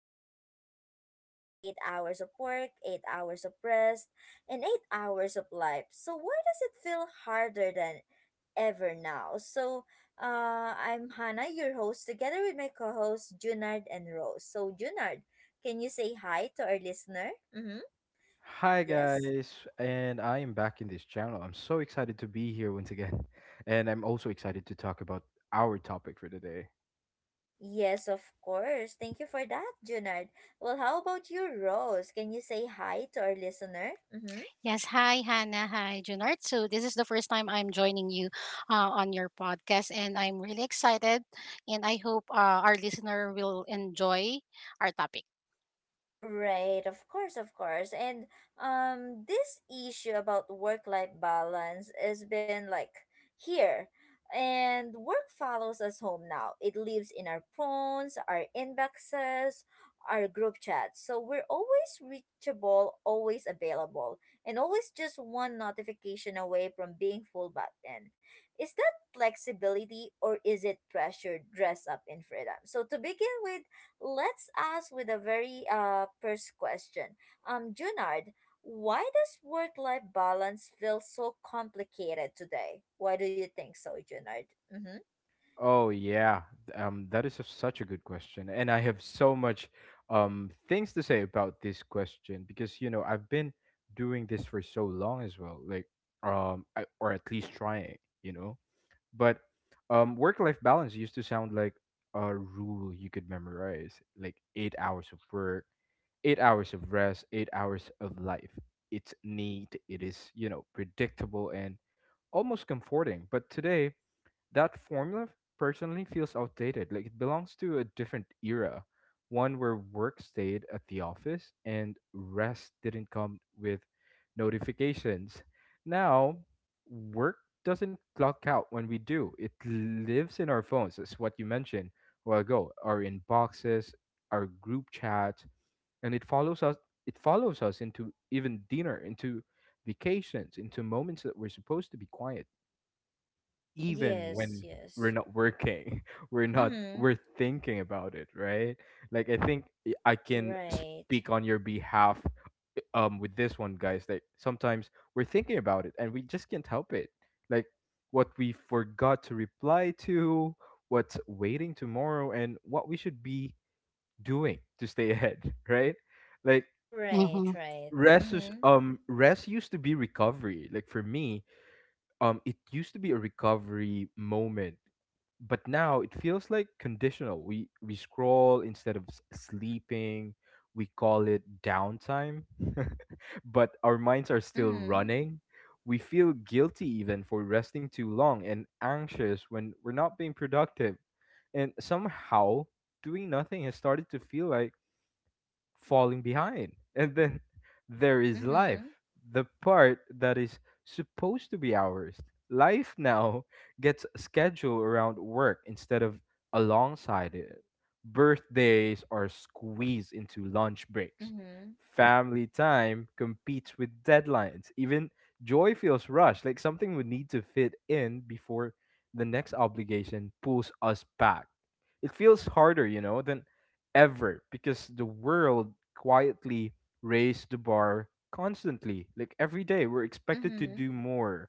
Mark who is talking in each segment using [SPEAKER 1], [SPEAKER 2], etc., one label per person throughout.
[SPEAKER 1] used to sound simple 8 hours of work, 8 hours of rest, and 8 hours of life. So, why does it feel harder than ever now? I'm Hannah, your host, together with my co host, Junard and Rose. So, Junard, can you say hi to our listener? Mm-hmm.
[SPEAKER 2] Hi
[SPEAKER 1] Yes.
[SPEAKER 2] guys, and I am back in this channel. I'm so excited to be here once again, and I'm also excited to talk about our topic for today.
[SPEAKER 1] Yes, of course. Thank you for that, Junard. Well, how about you, Rose? Can you say hi to our listener? Mm-hmm.
[SPEAKER 3] Yes, hi Hannah, hi Junard. So this is the first time I'm joining you on your podcast, and I'm really excited, and I hope our listener will enjoy our topic.
[SPEAKER 1] Right, of course, of course. And this issue about work-life balance has been like here. And work follows us home now. It lives in our phones, our inboxes, our group chats. So we're always reachable, always available, and always just one notification away from being full back then. Is that flexibility or is it pressure dressed up in freedom? So to begin with, let's ask with a very first question. Junard, why does work-life balance feel so complicated today? Why do you think so, Junard? Mm-hmm.
[SPEAKER 2] That is such a good question, and I have so much things to say about this question because you know I've been doing this for so long as well, like I, or at least trying, you know. But work-life balance used to sound like a rule you could memorize, like 8 hours of work, 8 hours of rest, 8 hours of life. It's neat, it is, you know, predictable and almost comforting. But today, that formula personally feels outdated. Like it belongs to a different era, one where work stayed at the office and rest didn't come with notifications. Now, work doesn't clock out when we do. It lives in our phones. That's what you mentioned a while ago. Our inboxes, our group chat, and it follows us. It follows us into even dinner, into vacations, into moments that we're supposed to be quiet even
[SPEAKER 1] Yes,
[SPEAKER 2] when we're
[SPEAKER 1] yes.
[SPEAKER 2] not working, we're not
[SPEAKER 1] Mm-hmm.
[SPEAKER 2] we're thinking about it, right? Like I think I can
[SPEAKER 1] Right.
[SPEAKER 2] speak on your behalf with this one, guys, that sometimes we're thinking about it and we just can't help it, like what we forgot to reply to, what's waiting tomorrow, and what we should be doing to stay ahead. Right? Like
[SPEAKER 1] Right,
[SPEAKER 3] Mm-hmm.
[SPEAKER 1] right.
[SPEAKER 2] rest is,
[SPEAKER 1] Mm-hmm.
[SPEAKER 2] rest used to be recovery, like for me, it used to be a recovery moment, but now it feels like conditional. We scroll instead of sleeping, we call it downtime, but our minds are still
[SPEAKER 1] Mm-hmm.
[SPEAKER 2] running. We feel guilty even for resting too long and anxious when we're not being productive, and somehow doing nothing has started to feel like falling behind. And then there is life,
[SPEAKER 1] Mm-hmm.
[SPEAKER 2] the part that is supposed to be ours. Life now gets scheduled around work instead of alongside it. Birthdays are squeezed into lunch breaks.
[SPEAKER 1] Mm-hmm.
[SPEAKER 2] Family time competes with deadlines. Even joy feels rushed, like something we need to fit in before the next obligation pulls us back. It feels harder, you know, than ever because the world quietly raised the bar constantly. Like every day, we're expected to
[SPEAKER 1] Mm-hmm.
[SPEAKER 2] do more,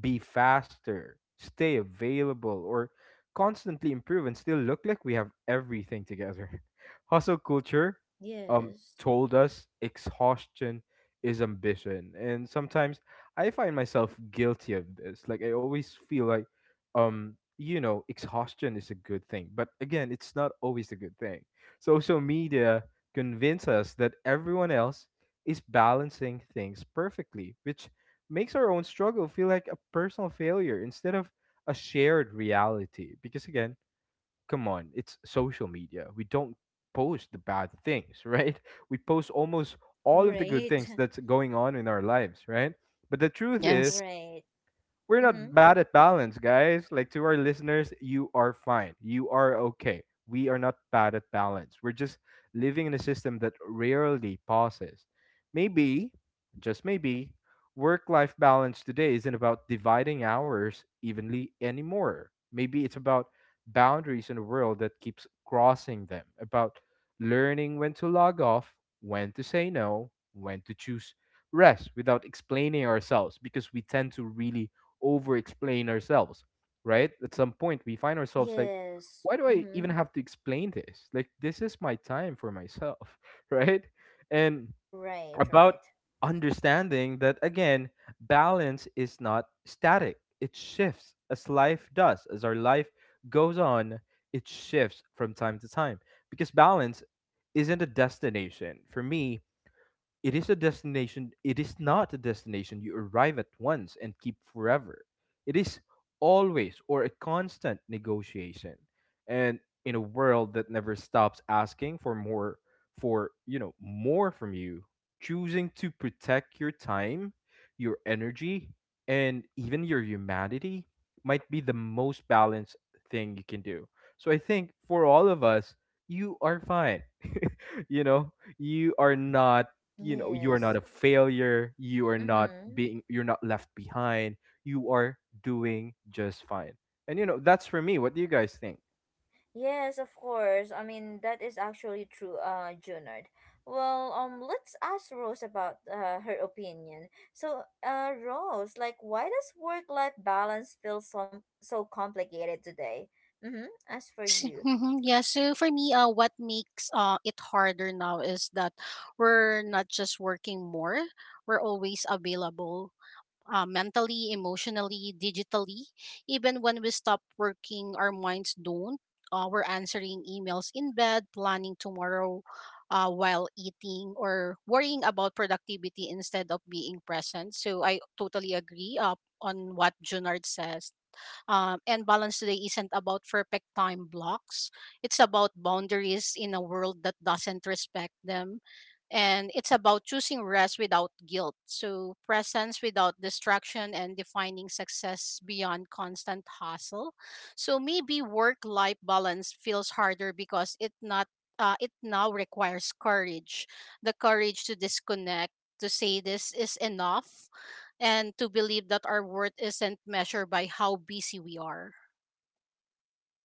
[SPEAKER 2] be faster, stay available, or constantly improve and still look like we have everything together. Hustle culture
[SPEAKER 1] Yes.
[SPEAKER 2] told us exhaustion is ambition. And sometimes I find myself guilty of this. Like I always feel like, you know, exhaustion is a good thing. But again, it's not always a good thing. Social media convince us that everyone else is balancing things perfectly, which makes our own struggle feel like a personal failure instead of a shared reality. Because again, come on, it's social media. We don't post the bad things, right? We post almost all of the good
[SPEAKER 1] Right.
[SPEAKER 2] things that's going on in our lives, right? But the truth is,
[SPEAKER 3] Yes.
[SPEAKER 1] Right.
[SPEAKER 2] we're not
[SPEAKER 1] Mm-hmm.
[SPEAKER 2] bad at balance, guys. Like to our listeners, you are fine. You are okay. We are not bad at balance. We're just living in a system that rarely pauses. Maybe, just maybe, work life balance today isn't about dividing hours evenly anymore. Maybe it's about boundaries in a world that keeps crossing them, about learning when to log off, when to say no, when to choose rest without explaining ourselves because we tend to really over explain ourselves, right? At some point, we find ourselves like,
[SPEAKER 1] Yes.
[SPEAKER 2] why do I even
[SPEAKER 1] Mm-hmm.
[SPEAKER 2] have to explain this? Like, this is my time for myself, right? And
[SPEAKER 1] Right,
[SPEAKER 2] about
[SPEAKER 1] right.
[SPEAKER 2] understanding that, again, balance is not static, it shifts as life does, as our life goes on, it shifts from time to time because balance isn't a destination. For me, it is a destination. It is not a destination you arrive at once and keep forever. It is always or a constant negotiation. And in a world that never stops asking for more, for, you know, more from you, choosing to protect your time, your energy, and even your humanity might be the most balanced thing you can do. So I think for all of us, you are fine. You know, you know you are not
[SPEAKER 1] Yes.
[SPEAKER 2] a failure,
[SPEAKER 1] Mm-hmm.
[SPEAKER 2] you're not left behind, you are doing just fine, and you know that's for me. What do you guys think?
[SPEAKER 1] Yes, of course. I mean, that is actually true, Junard. Well, let's ask Rose about her opinion. So, Rose, like, why does work-life balance feel so complicated today? Mm-hmm. As for you.
[SPEAKER 3] Mm-hmm. Yeah. So for me, what makes it harder now is that we're not just working more; we're always available, mentally, emotionally, digitally. Even when we stop working, our minds don't. We're answering emails in bed, planning tomorrow while eating, or worrying about productivity instead of being present. So I totally agree on what Junard says. And balance today isn't about perfect time blocks, it's about boundaries in a world that doesn't respect them. And it's about choosing rest without guilt, so presence without distraction, and defining success beyond constant hustle. So maybe work-life balance feels harder because it not it now requires courage, the courage to disconnect, to say this is enough, and to believe that our worth isn't measured by how busy we are.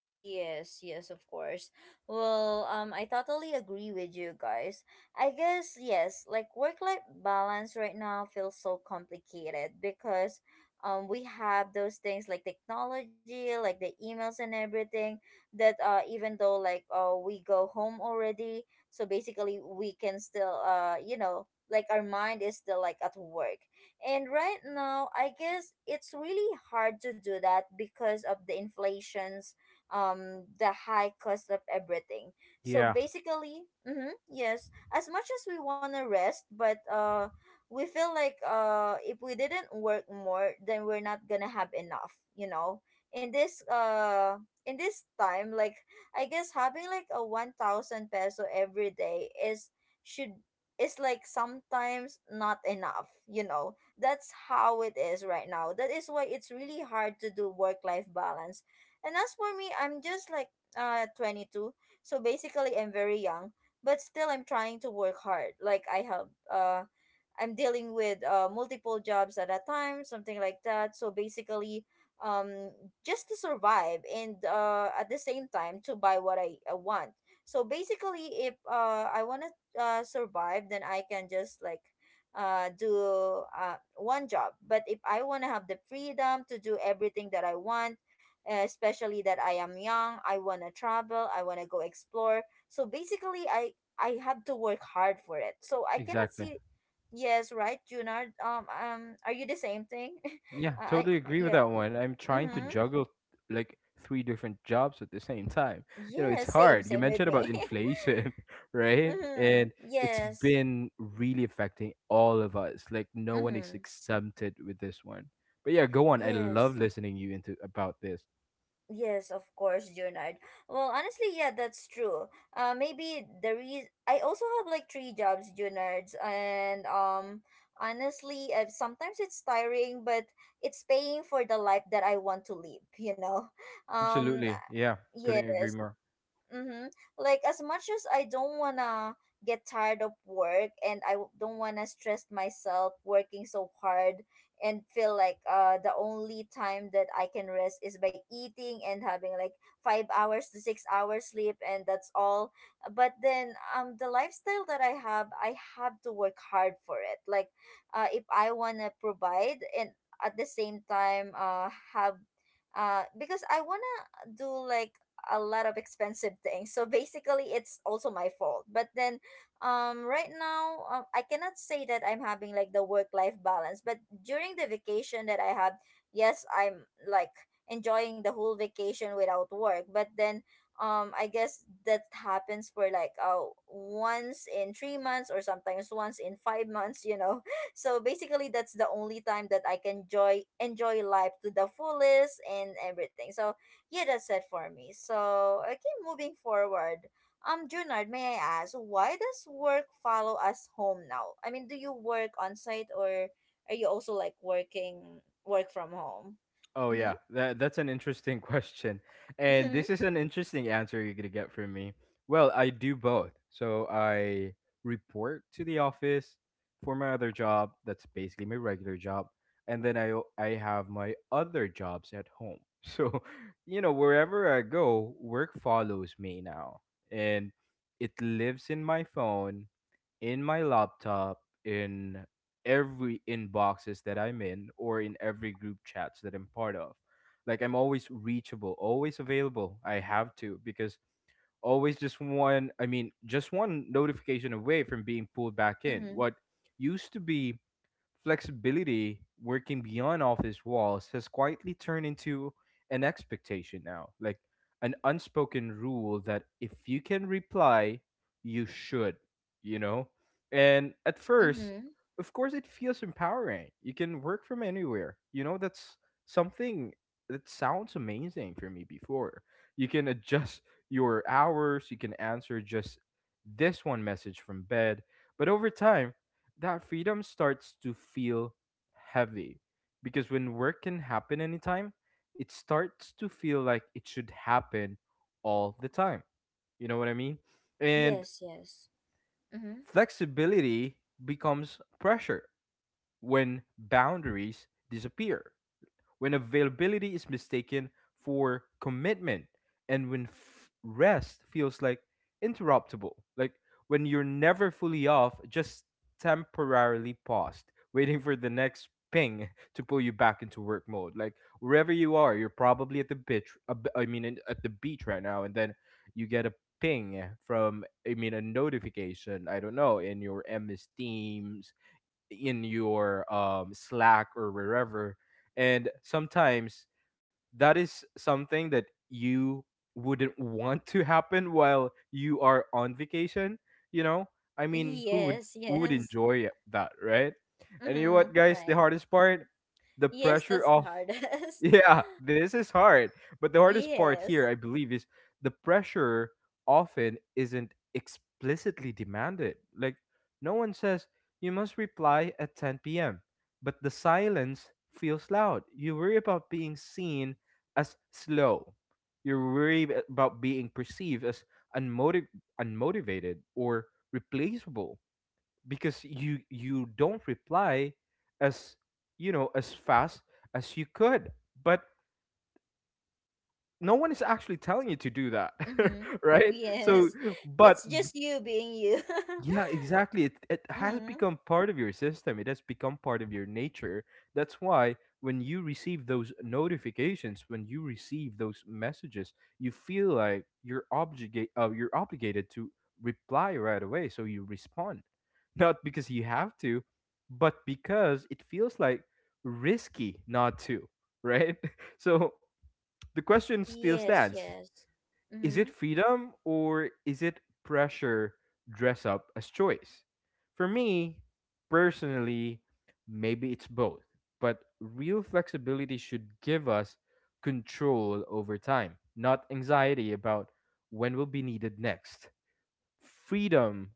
[SPEAKER 1] Yes, yes, of course. Well, I totally agree with you guys. I guess, yes, like work life balance right now feels so complicated because we have those things like technology, like the emails and everything that even though like we go home already, so basically we can still you know like our mind is still like at work. And right now, I guess it's really hard to do that because of the inflation the high cost of everything so
[SPEAKER 2] Yeah,
[SPEAKER 1] basically mm-hmm, yes as much as we want to rest but we feel like if we didn't work more then we're not gonna have enough you know in this in this time like I guess having like a 1,000 peso every day is should is like sometimes not enough you know that's how it is right now that is why it's really hard to do work life balance and as for me, I'm just like 22, so basically I'm very young, but still I'm trying to work hard. Like I have I'm dealing with multiple jobs at a time, something like that. So basically um just to survive and at the same time to buy what I want. So basically if I want to survive, then I can just like do one job but if I want to have the freedom to do everything that I want especially that I am young, I want to travel, I want to go explore. So basically I have to work hard for it. So I cannot
[SPEAKER 2] exactly.
[SPEAKER 1] see yes, right, Junard? Are you the same thing?
[SPEAKER 2] Yeah,
[SPEAKER 1] I I-
[SPEAKER 2] totally agree with
[SPEAKER 1] yeah.
[SPEAKER 2] that one. I'm trying to
[SPEAKER 3] Mhm.
[SPEAKER 1] Mhm.
[SPEAKER 2] juggle like three different jobs at the same time, you know.
[SPEAKER 1] Yeah,
[SPEAKER 2] It's
[SPEAKER 1] same
[SPEAKER 2] hard. You
[SPEAKER 1] same with
[SPEAKER 2] mentioned about
[SPEAKER 1] me.
[SPEAKER 2] inflation, right?
[SPEAKER 1] mhm.
[SPEAKER 2] And it's
[SPEAKER 1] Yes.
[SPEAKER 2] been really affecting all of us, like no one is
[SPEAKER 1] Mhm.
[SPEAKER 2] exempted with this one. But yeah, go on. I love
[SPEAKER 1] Yes.
[SPEAKER 2] listening you into about this.
[SPEAKER 1] Yes, of course, Junard. Well, honestly, yeah, that's true. Maybe the reason I also have like three jobs, Junards, and honestly, sometimes it's tiring, but it's paying for the life that I want to live. You know, um,
[SPEAKER 2] Absolutely. Yeah.
[SPEAKER 1] yes,
[SPEAKER 2] Couldn't agree more.
[SPEAKER 1] Mm-hmm. Like as much as I don't wanna get tired of work and I don't wanna stress myself working so hard and feel like the only time that I can rest is by eating and having like 5 hours to 6 hours sleep and that's all. But then the lifestyle that I have to work hard for it. Like if I wanna provide and at the same time have because I wanna do like a lot of expensive things. So basically, it's also my fault. But then, right now, I cannot say that I'm having like the work life balance. But during the vacation that I have, yes, I'm like enjoying the whole vacation without work. But then, I guess that happens for like once in 3 months or sometimes once in 5 months. You know, so basically, that's the only time that I can enjoy life to the fullest and everything. So yeah, that's it for me. So, okay, moving forward. Junard, may I ask, why does work follow us home now? I mean, do you work on site or are you also like working work from home?
[SPEAKER 2] Oh
[SPEAKER 1] Mm-hmm.
[SPEAKER 2] yeah. That's an interesting question. And
[SPEAKER 1] Mm-hmm.
[SPEAKER 2] this is an interesting answer you're gonna get from me. Well, I do both. So I report to the office for my other job, that's basically my regular job, and then I have my other jobs at home. So, you know, wherever I go, work follows me now. And it lives in my phone, in my laptop, in every inboxes that I'm in, or in every group chats that I'm part of. Like I'm always reachable, always available. I have to because always just one, I mean, just one notification away from being pulled back in.
[SPEAKER 1] Mm-hmm.
[SPEAKER 2] What used to be flexibility, working beyond office walls, has quietly turned into an expectation now, like an unspoken rule that if you can reply, you should, you know? And at first,
[SPEAKER 1] Mm-hmm.
[SPEAKER 2] of course, it feels empowering. You can work from anywhere, you know? That's something that sounds amazing for me before. You can adjust your hours, you can answer just this one message from bed. But over time, that freedom starts to feel heavy because when work can happen anytime, it starts to feel like it should happen all the time. You know what I mean? And
[SPEAKER 1] Yes, yes. Mm-hmm.
[SPEAKER 2] flexibility becomes pressure when boundaries disappear, when availability is mistaken for commitment, and when rest feels like interruptible. Like when you're never fully off, just temporarily paused, waiting for the next ping to pull you back into work mode. Like wherever you are, you're probably at the beach. I mean, at the beach right now, and then you get a ping from, I mean, a notification. I don't know, in your MS Teams, in your Slack or wherever. And sometimes that is something that you wouldn't want to happen while you are on vacation. You know, I mean, who would,
[SPEAKER 1] Yes,
[SPEAKER 2] who would
[SPEAKER 1] yes.
[SPEAKER 2] enjoy that, right? And you know
[SPEAKER 1] Mm-hmm.
[SPEAKER 2] what, guys? The
[SPEAKER 1] Right.
[SPEAKER 2] hardest part, the
[SPEAKER 1] Yes,
[SPEAKER 2] pressure
[SPEAKER 1] that's the
[SPEAKER 2] of
[SPEAKER 1] hardest.
[SPEAKER 2] Yeah, this is hard. But the hardest part here,
[SPEAKER 1] yes.
[SPEAKER 2] I believe, is the pressure often isn't explicitly demanded. Like, no one says, you must reply at 10 p.m., but the silence feels loud. You worry about being seen as slow, you worry about being perceived as unmotiv- unmotivated or replaceable because you don't reply as, you know, as fast as you could, but no one is actually telling you to do that,
[SPEAKER 1] Mm-hmm.
[SPEAKER 2] right? So,
[SPEAKER 1] Yes. It's
[SPEAKER 2] but b-
[SPEAKER 1] just you being you.
[SPEAKER 2] yeah, exactly. It has
[SPEAKER 1] mm-hmm.
[SPEAKER 2] become part of your system. It has become part of your nature. That's why when you receive those notifications, when you receive those messages, you feel like you're obligated to reply right away. So you respond, not because you have to, but because it feels like risky not to, right? So the question still
[SPEAKER 1] Yes,
[SPEAKER 2] stands,
[SPEAKER 1] yes.
[SPEAKER 2] is
[SPEAKER 1] Mm-hmm.
[SPEAKER 2] it freedom or is it pressure dress up as choice? For me, personally, maybe it's both, but real flexibility should give us control over time, not anxiety about when will be needed next. Freedom,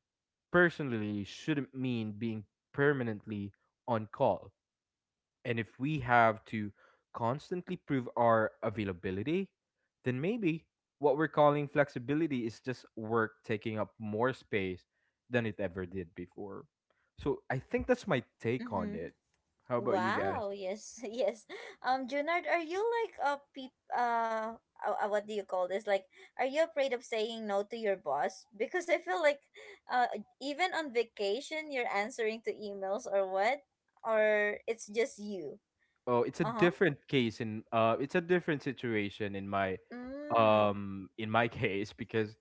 [SPEAKER 2] personally, shouldn't mean being permanently on call, and if we have to constantly prove our availability, then maybe what we're calling flexibility is just work taking up more space than it ever did before. So I think that's my take on
[SPEAKER 1] Mm-hmm.
[SPEAKER 2] it. How about you guys?
[SPEAKER 1] Wow, yes, yes. Junard, are you like a peep what do you call this? Like, are you afraid of saying no to your boss? Because I feel like uh even on vacation you're answering to emails or what? Or it's just you.
[SPEAKER 2] Oh, it's a
[SPEAKER 1] Uh-huh.
[SPEAKER 2] different case in it's a different situation
[SPEAKER 1] Mm.
[SPEAKER 2] in my case because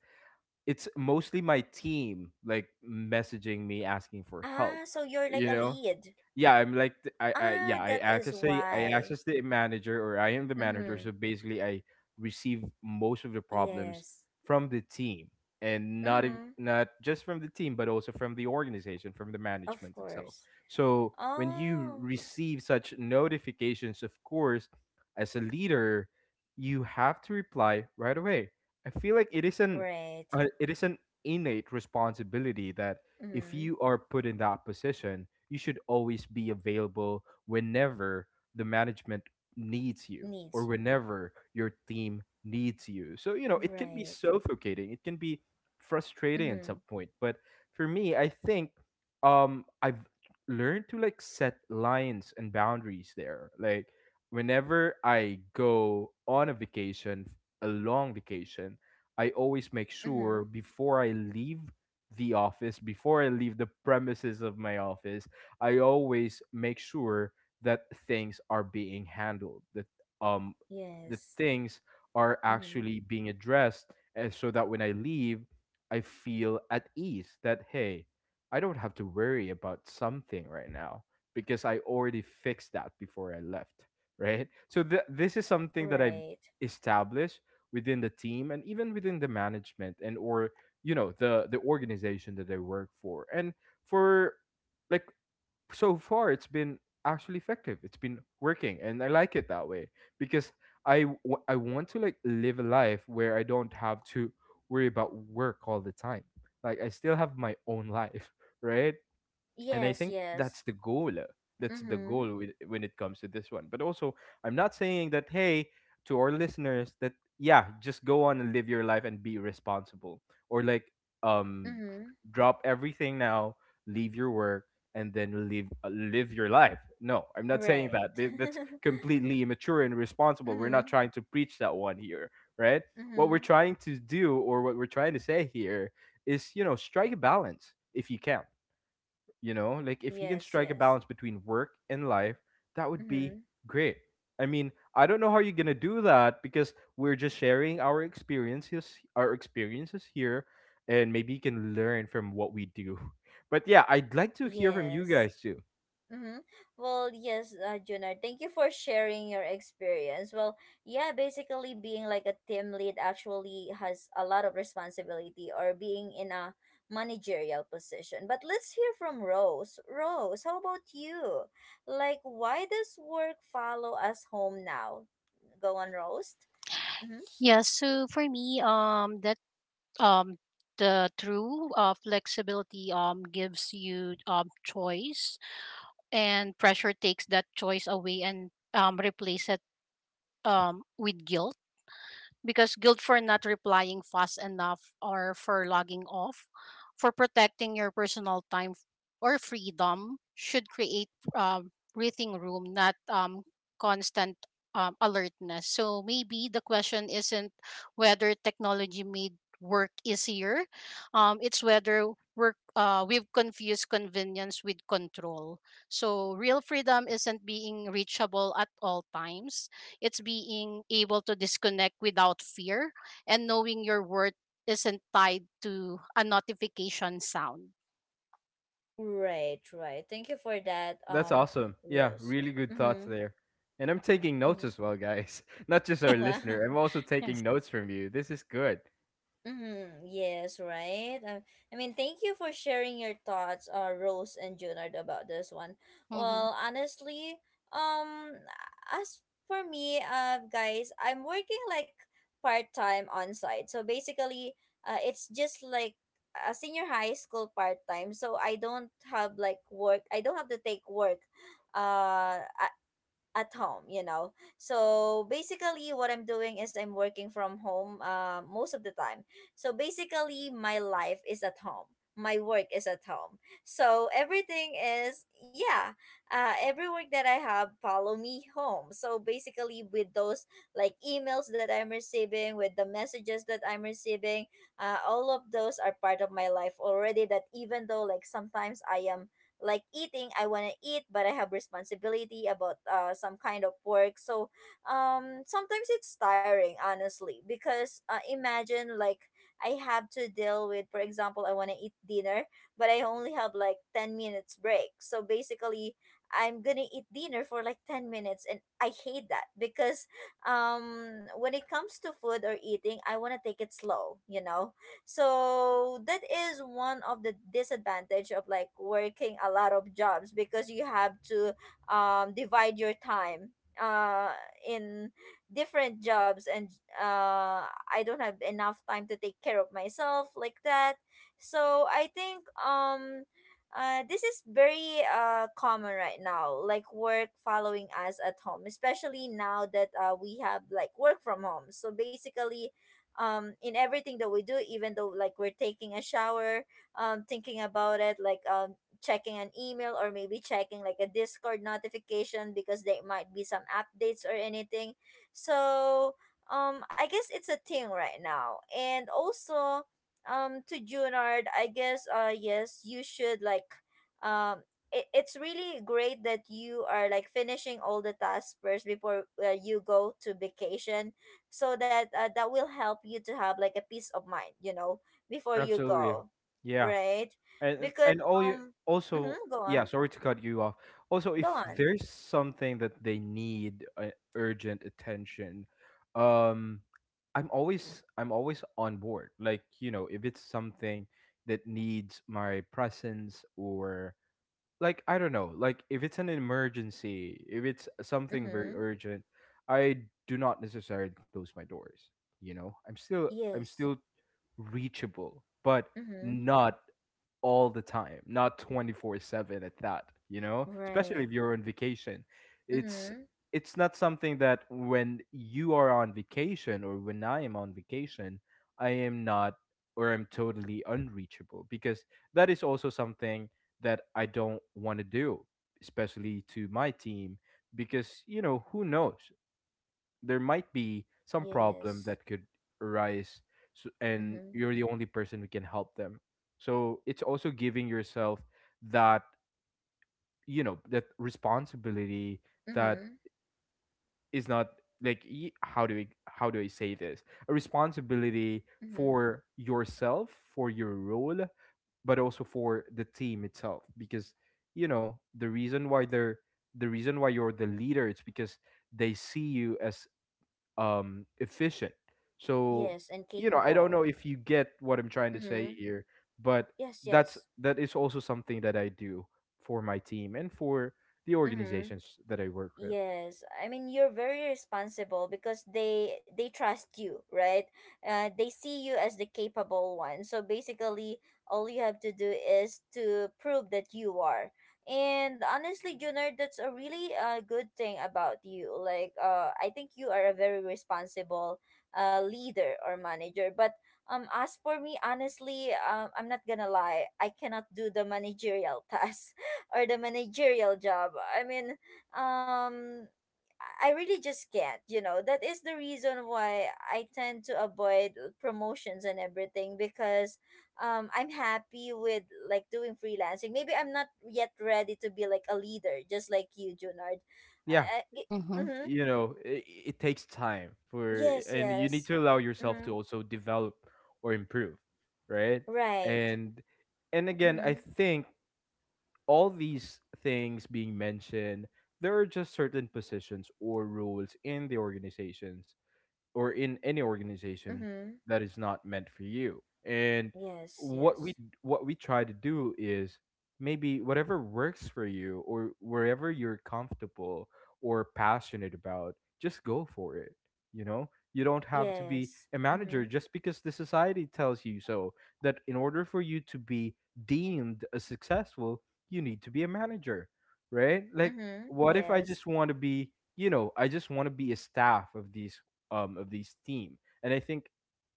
[SPEAKER 2] it's mostly my team like messaging me asking for help,
[SPEAKER 1] Ah, so you're like
[SPEAKER 2] you
[SPEAKER 1] a
[SPEAKER 2] know.
[SPEAKER 1] lead.
[SPEAKER 2] Yeah, I yeah,
[SPEAKER 1] Ah, that is
[SPEAKER 2] I
[SPEAKER 1] why.
[SPEAKER 2] access the manager, or I am the manager,
[SPEAKER 1] Mm-hmm.
[SPEAKER 2] so basically I receive most of the problems
[SPEAKER 1] Yes.
[SPEAKER 2] from the team and
[SPEAKER 1] Mm-hmm.
[SPEAKER 2] not just from the team but also from the organization, from the
[SPEAKER 1] Of
[SPEAKER 2] management itself.
[SPEAKER 1] course.
[SPEAKER 2] So when you
[SPEAKER 1] Oh.
[SPEAKER 2] receive such notifications, of course, as a leader, you have to reply right away. I feel like it is an
[SPEAKER 1] Right.
[SPEAKER 2] uh, it is an innate responsibility that if
[SPEAKER 1] Mm-hmm.
[SPEAKER 2] you are put in that position, you should always be available whenever the management needs you or
[SPEAKER 1] Needs you.
[SPEAKER 2] whenever your team needs you. So, you know, it can be
[SPEAKER 1] Right.
[SPEAKER 2] suffocating, it can be frustrating at
[SPEAKER 1] Mm-hmm.
[SPEAKER 2] some point. But for me, I think I've learned to like set lines and boundaries there. Like whenever I go on a vacation, a long vacation, I always make
[SPEAKER 1] Mm-hmm.
[SPEAKER 2] sure before I leave the office, before I leave the premises of my office, I always make sure that things are being handled, that um the
[SPEAKER 1] Yes.
[SPEAKER 2] things are
[SPEAKER 1] Mm-hmm.
[SPEAKER 2] actually being addressed, and so that when I leave, I feel at ease that hey, I don't have to worry about something right now because I already fixed that before I left, right? So this is something that I've
[SPEAKER 1] Right.
[SPEAKER 2] established within the team and even within the management and or you know the organization that they work for and for like so far it's been actually effective. It's been working and I like it that way because I want to like live a life where I don't have to worry about work all the time. Like I still have my own life, right? And I
[SPEAKER 1] Yes,
[SPEAKER 2] think
[SPEAKER 1] yes.
[SPEAKER 2] that's the goal, that's the
[SPEAKER 1] Mm-hmm.
[SPEAKER 2] goal with, when it comes to this one. But also I'm not saying that hey, to our listeners, that yeah, just go on and live your life and be responsible or like um
[SPEAKER 1] Mm-hmm.
[SPEAKER 2] drop everything now, leave your work, and then live, live your life. No, I'm not saying
[SPEAKER 1] Right.
[SPEAKER 2] that. That's completely immature and irresponsible. We're not
[SPEAKER 1] mm-hmm.
[SPEAKER 2] trying to preach that one here, right? What
[SPEAKER 1] Mm-hmm.
[SPEAKER 2] we're trying to do or what we're trying to say here is, you know, strike a balance if you can. You know, like if you can
[SPEAKER 1] Yes,
[SPEAKER 2] strike a
[SPEAKER 1] yes.
[SPEAKER 2] balance between work and life, that would be
[SPEAKER 1] Mm-hmm.
[SPEAKER 2] great. I mean, I don't know how you're gonna do that because we're just sharing our experiences, here, and maybe you can learn from what we do. But yeah, I'd like to hear from you
[SPEAKER 1] Yes.
[SPEAKER 2] guys too.
[SPEAKER 1] Mm-hmm. Well, yes, Junard, thank you for sharing your experience. Well, yeah, basically being like a team lead actually has a lot of responsibility or being in a managerial position. But let's hear from Rose. Rose, how about you? Like, why does work follow us home now? Go on, Rose. Mm-hmm.
[SPEAKER 3] Yeah, so for me, that um, the true flexibility gives you choice, and pressure takes that choice away and replace it with guilt, because guilt for not replying fast enough or for logging off, for protecting your personal time or freedom should create breathing room, not constant alertness. So maybe the question isn't whether technology made work easier, it's whether work we've confused convenience with control. So real freedom isn't being reachable at all times. It's being able to disconnect without fear and knowing your worth isn't tied to a notification sound.
[SPEAKER 1] Right, right. Thank you for that,
[SPEAKER 2] That's awesome. Yeah,
[SPEAKER 1] Rose.
[SPEAKER 2] really good thoughts
[SPEAKER 1] Mm-hmm.
[SPEAKER 2] there. And I'm taking notes
[SPEAKER 1] Yeah.
[SPEAKER 2] as well, guys. Not just our
[SPEAKER 1] Wow.
[SPEAKER 2] listener. I'm also taking
[SPEAKER 3] Yes.
[SPEAKER 2] notes from you. This is good.
[SPEAKER 1] Mm-hmm. Yes, right. I mean, thank you for sharing your thoughts, Rose and Junard, about this one.
[SPEAKER 3] Mm-hmm.
[SPEAKER 1] Well, honestly, um, as for me, guys, I'm working like part time on site. So basically, it's just like a senior high school part time. So I don't have like work. I don't have to take work. Uh, I, at home you know so basically what I'm doing is I'm working from home most of the time so basically my life is at home my work is at home so everything is yeah every work that I have follow me home so basically with those like emails that I'm receiving with the messages that I'm receiving all of those are part of my life already that even though like sometimes I am like eating I want to eat but I have responsibility about some kind of work so sometimes it's tiring honestly because imagine like I have to deal with for example I want to eat dinner but I only have like 10 minutes break so basically I'm gonna eat dinner for like 10 minutes and I hate that because when it comes to food or eating I want to take it slow you know so that is one of the disadvantage of like working a lot of jobs because you have to divide your time uh in different jobs and I don't have enough time to take care of myself like that so I think this is very common right now like work following us at home especially now that we have like work from home so basically in everything that we do even though like we're taking a shower thinking about it like checking an email or maybe checking like a discord notification because there might be some updates or anything so I guess it's a thing right now and also to junard I guess yes you should like um it's really great that you are like finishing all the tasks first before you go to vacation so that that will help you to have like a peace of mind you know before you
[SPEAKER 2] Absolutely.
[SPEAKER 1] go
[SPEAKER 2] Yeah.
[SPEAKER 1] right
[SPEAKER 2] and
[SPEAKER 1] because
[SPEAKER 2] and all you
[SPEAKER 1] um
[SPEAKER 2] also.
[SPEAKER 1] mm-hmm, go on
[SPEAKER 2] Yeah, sorry to cut you off. Also,
[SPEAKER 1] go
[SPEAKER 2] if
[SPEAKER 1] on
[SPEAKER 2] there's something that they need, urgent attention, um I'm always on board. Like, you know, if it's something that needs my presence or like I don't know, like if it's an emergency, if it's something very
[SPEAKER 1] mm-hmm
[SPEAKER 2] urgent, I do not necessarily close my doors. You know, I'm still I'm
[SPEAKER 1] yes
[SPEAKER 2] still reachable, but
[SPEAKER 1] mm-hmm
[SPEAKER 2] not all the time, not 24/7 at that, you know? Especially
[SPEAKER 1] right
[SPEAKER 2] if you're on vacation. It's
[SPEAKER 1] mm-hmm
[SPEAKER 2] not something that when you are on vacation or when I am on vacation, I am not, or I'm totally unreachable, because that is also something that I don't want to do, especially to my team, because you know who knows, there might be some problem
[SPEAKER 1] yes
[SPEAKER 2] that could arise. So, and
[SPEAKER 1] mm-hmm
[SPEAKER 2] you're the only person who can help them. So it's also giving yourself that, you know, that responsibility that
[SPEAKER 1] mm-hmm
[SPEAKER 2] is not like how do I say this? A responsibility
[SPEAKER 1] mm-hmm
[SPEAKER 2] for yourself, for your role, but also for the team itself. Because you know the reason why you're the leader, it's because they see you as efficient. So,
[SPEAKER 1] yes and
[SPEAKER 2] you know, I don't
[SPEAKER 1] capable
[SPEAKER 2] know if you get what I'm trying to say
[SPEAKER 1] mm-hmm
[SPEAKER 2] here, but
[SPEAKER 1] yes
[SPEAKER 2] that's
[SPEAKER 1] yes
[SPEAKER 2] that is also something that I do for my team and for the
[SPEAKER 1] mm-hmm
[SPEAKER 2] organizations that I work with.
[SPEAKER 1] Yes, I mean you're very responsible because they trust you, right? They see you as the capable one. So basically, all you have to do is to prove that you are. And honestly, Junard, that's a really good thing about you. Like, I think you are a very responsible leader or manager. But as for me, honestly, I'm not gonna lie. I cannot do the managerial tasks or the managerial job. I mean um I really just can't, you know. That is the reason why I tend to avoid promotions and everything because I'm happy with like doing freelancing. Maybe I'm not yet ready to be like a leader just like you, Junard.
[SPEAKER 2] Yeah.
[SPEAKER 1] I, I, it,
[SPEAKER 3] Mm-hmm.
[SPEAKER 1] mm-hmm.
[SPEAKER 2] You know, it takes time for,
[SPEAKER 1] Yes,
[SPEAKER 2] and you need
[SPEAKER 1] yes.
[SPEAKER 2] to allow yourself
[SPEAKER 1] Mm-hmm.
[SPEAKER 2] to also develop or improve, right?
[SPEAKER 1] Right.
[SPEAKER 2] and and again, I
[SPEAKER 1] Mhm.
[SPEAKER 2] think all these things being mentioned, there are just certain positions or roles in the organizations or in any organization
[SPEAKER 1] Mhm.
[SPEAKER 2] that is not meant for you. And
[SPEAKER 1] Yes,
[SPEAKER 2] what we
[SPEAKER 1] yes.
[SPEAKER 2] what we try to do is maybe whatever works for you, or wherever you're comfortable or passionate about, just go for it, you know? You don't have to be
[SPEAKER 1] Yes.
[SPEAKER 2] a manager
[SPEAKER 1] Mhm.
[SPEAKER 2] just because the society tells you so. That in order for you to be deemed as successful, you need to be a manager, right? Like,
[SPEAKER 1] Mhm.
[SPEAKER 2] what if I
[SPEAKER 1] Yes.
[SPEAKER 2] just want to be, you know, I just want to be a staff of this team. And I think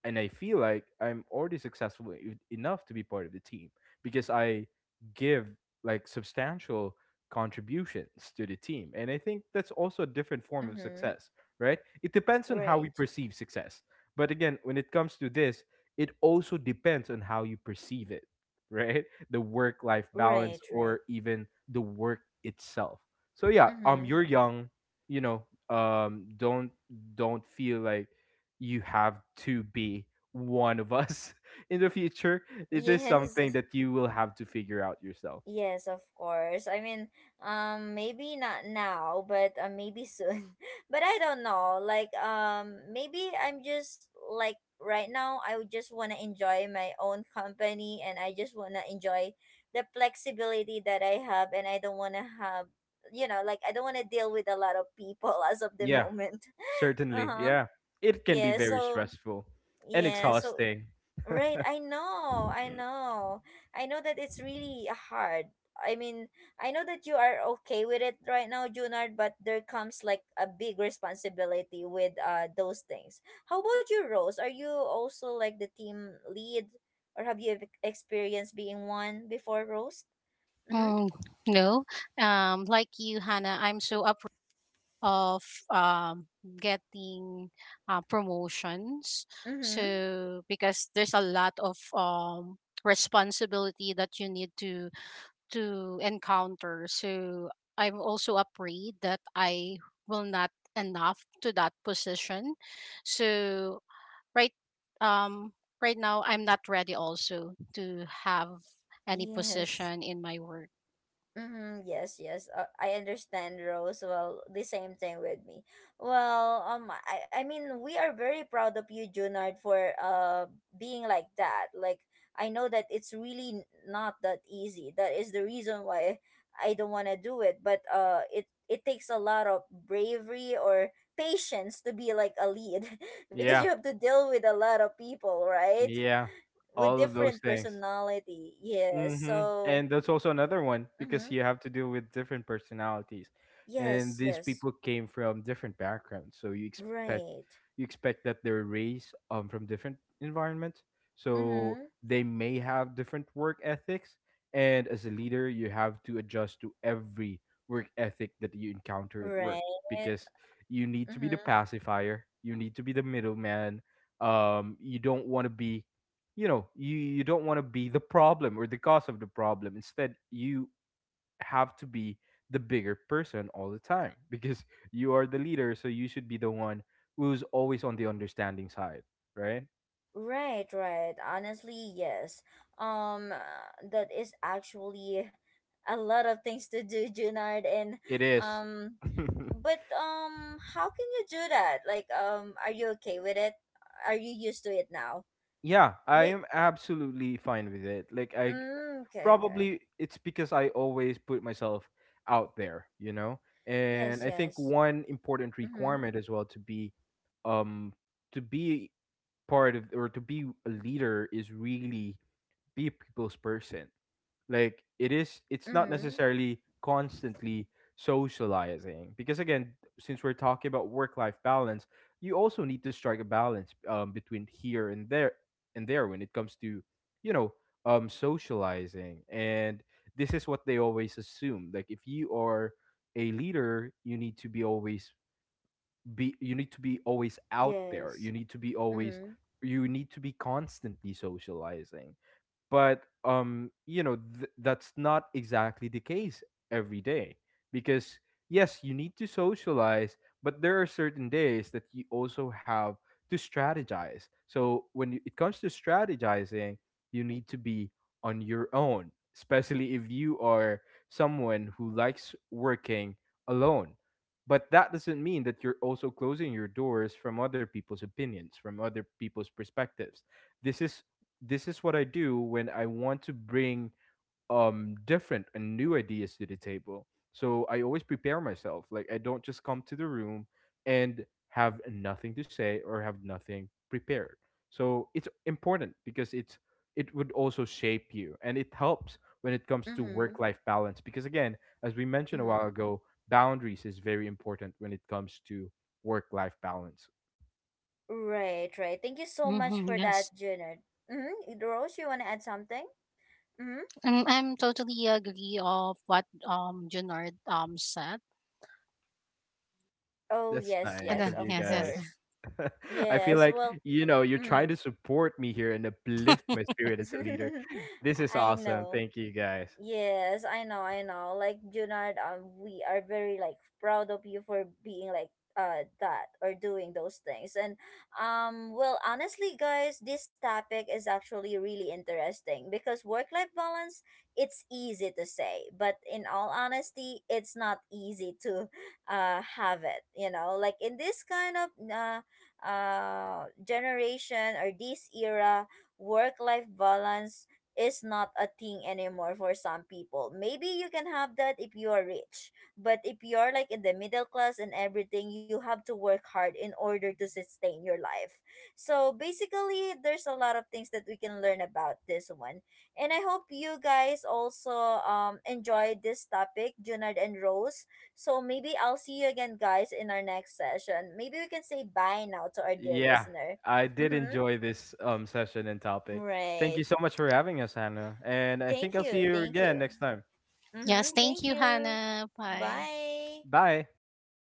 [SPEAKER 2] and I feel like I'm already successful enough to be part of the team because I give like substantial contributions to the team. And I think that's also a different form of
[SPEAKER 1] Mhm.
[SPEAKER 2] success, right? It depends on how we
[SPEAKER 1] Right.
[SPEAKER 2] perceive success. But again, when it comes to this, it also depends on how you perceive it, right? The work life balance,
[SPEAKER 1] Right, right.
[SPEAKER 2] or even the work itself. So yeah,
[SPEAKER 1] Mhm.
[SPEAKER 2] you're young, you know, um don't don't feel like you have to be one of us in the future. It is
[SPEAKER 1] Yes,
[SPEAKER 2] something that you will have to figure out yourself.
[SPEAKER 1] yes, of course. I mean, maybe not now, but maybe soon. but I don't know. Like, maybe I'm just like right now. I would just wanna enjoy my own company, and I just wanna enjoy the flexibility that I have, and I don't wanna have, you know, like I don't wanna deal with a lot of people as of the
[SPEAKER 2] Yeah,
[SPEAKER 1] moment. uh
[SPEAKER 2] certainly.
[SPEAKER 1] huh.
[SPEAKER 2] Yeah. It can be
[SPEAKER 1] Yeah.
[SPEAKER 2] very
[SPEAKER 1] So
[SPEAKER 2] stressful and
[SPEAKER 1] yeah. So
[SPEAKER 2] exhausting.
[SPEAKER 1] Right, I know, I know. I know that it's really hard. I mean, I know that you are okay with it right now, Junard, but there comes like a big responsibility with those things. How about you, Rose? Are you also like the team lead or have you experienced being one before, Rose? Mm-hmm.
[SPEAKER 3] Mm, no, like you, Hannah, I'm so up of um, getting promotions.
[SPEAKER 1] Mm-hmm.
[SPEAKER 3] So because there's a lot of responsibility that you need to encounter. So I'm also afraid that I will not enough to that position. So right um right now I'm not ready also to have any
[SPEAKER 1] Yes.
[SPEAKER 3] position in my work.
[SPEAKER 1] Mm-hmm, yes, yes. I understand, Rose. Well, the same thing with me. Well, I mean, we are very proud of you, Junard, for being like that. Like, I know that it's really not that easy. That is the reason why I don't want to do it. But it takes a lot of bravery or patience to be like a lead, because
[SPEAKER 2] Yeah.
[SPEAKER 1] you have to deal with a lot of people, right?
[SPEAKER 2] Yeah.
[SPEAKER 1] With
[SPEAKER 2] All of those
[SPEAKER 1] different
[SPEAKER 2] things.
[SPEAKER 1] personality. Yes.
[SPEAKER 2] Mm-hmm.
[SPEAKER 1] So.
[SPEAKER 2] And that's also another one because
[SPEAKER 1] Mm-hmm.
[SPEAKER 2] you have to deal with different personalities, and
[SPEAKER 1] Yes,
[SPEAKER 2] these people
[SPEAKER 1] yes.
[SPEAKER 2] came from different backgrounds. So
[SPEAKER 1] Right.
[SPEAKER 2] you expect that they're raised from different environments, so
[SPEAKER 1] Mm-hmm.
[SPEAKER 2] they may have different work ethics. And as a leader, you have to adjust to every work ethic that you encounter at work,
[SPEAKER 1] Right.
[SPEAKER 2] because you need to be the
[SPEAKER 1] Mm-hmm.
[SPEAKER 2] pacifier, you need to be the middleman. You don't want to be, you know, you don't want to be the problem or the cause of the problem. Instead, you have to be the bigger person all the time because you are the leader, so you should be the one who's always on the understanding side, right?
[SPEAKER 1] Right, right. Honestly, yes. That is actually a lot of things to do, Junard, and
[SPEAKER 2] It is.
[SPEAKER 1] um, but how can you do that? Like, are you okay with it? Are you used to it now?
[SPEAKER 2] Yeah, I
[SPEAKER 1] May
[SPEAKER 2] am absolutely fine with it. Like, I
[SPEAKER 1] okay, okay.
[SPEAKER 2] probably it's because I always put myself out there, you know. And
[SPEAKER 1] Yes,
[SPEAKER 2] I think
[SPEAKER 1] yes.
[SPEAKER 2] one important
[SPEAKER 1] Mm-hmm.
[SPEAKER 2] requirement as well um to be part of or to be a leader is really be a people's person. Like it is, it's not
[SPEAKER 1] Mm-hmm.
[SPEAKER 2] necessarily constantly socializing, because again, since we're talking about work life balance, you also need to strike a balance between here and there when it comes to, you know, socializing. And this is what they always assume, like if you are a leader, you need to be always be you need to be always out there, you
[SPEAKER 1] Yes.
[SPEAKER 2] need to be always
[SPEAKER 1] Mm-hmm.
[SPEAKER 2] you need to be constantly socializing. But you know that's not exactly the case every day, because yes, you need to socialize, but there are certain days that you also have to strategize. So it comes to strategizing, you need to be on your own, especially if you are someone who likes working alone. But that doesn't mean that you're also closing your doors from other people's opinions, from other people's perspectives. this is this is what I do when I want to bring different and new ideas to the table. So I always prepare myself. Like I don't just come to the room and have nothing to say or have nothing prepared. So it's important, because it would also shape you, and it helps when it comes to
[SPEAKER 1] Mm-hmm.
[SPEAKER 2] work life balance. Because again, as we mentioned a while ago, boundaries is very important when it comes to work life balance.
[SPEAKER 1] Right, right. Thank you so much
[SPEAKER 3] Hmm,
[SPEAKER 1] for
[SPEAKER 3] yes.
[SPEAKER 1] that, Junard. Mm-hmm. Rose, you want to add something? Mm-hmm.
[SPEAKER 3] And I'm totally agree of what Junard said.
[SPEAKER 1] Oh,
[SPEAKER 2] That's
[SPEAKER 1] yes,
[SPEAKER 3] And
[SPEAKER 1] yes,
[SPEAKER 3] then,
[SPEAKER 2] nice
[SPEAKER 1] of
[SPEAKER 2] of you
[SPEAKER 3] yes, yes.
[SPEAKER 2] guys.
[SPEAKER 1] course.
[SPEAKER 2] I feel
[SPEAKER 1] Yes,
[SPEAKER 2] like,
[SPEAKER 1] well,
[SPEAKER 2] you know, you're
[SPEAKER 1] mm.
[SPEAKER 2] trying to support me here and uplift my spirit as a leader. This is
[SPEAKER 1] I
[SPEAKER 2] awesome.
[SPEAKER 1] know.
[SPEAKER 2] Thank you guys.
[SPEAKER 1] Yes, I know, I know. Like Junard, we are very like proud of you for being like that or doing those things. And well, honestly, guys, this topic is actually really interesting because work-life balance, it's easy to say, but in all honesty, it's not easy to have it. You know, like in this kind of generation or this era, work-life balance is not a thing anymore for some people. Maybe you can have that if you are rich, but if you're like in the middle class and everything, you have to work hard in order to sustain your life. So basically, there's a lot of things that we can learn about this one. And I hope you guys also enjoyed this topic, Junard and Rose. So maybe I'll see you again, guys, in our next session. Maybe we can say bye now to our dear
[SPEAKER 2] Yeah,
[SPEAKER 1] listener.
[SPEAKER 2] I did
[SPEAKER 1] Mm-hmm.
[SPEAKER 2] enjoy this session and topic. Thank you
[SPEAKER 1] Right.
[SPEAKER 2] so much for having us, Hannah. And I think
[SPEAKER 1] Thank
[SPEAKER 2] I'll see
[SPEAKER 1] you.
[SPEAKER 2] you
[SPEAKER 1] Thank you.
[SPEAKER 2] again next time.
[SPEAKER 1] Mm-hmm.
[SPEAKER 3] Yes, thank
[SPEAKER 1] Thank
[SPEAKER 3] you,
[SPEAKER 1] you.
[SPEAKER 3] Hannah. Bye.
[SPEAKER 1] Bye.
[SPEAKER 2] Bye.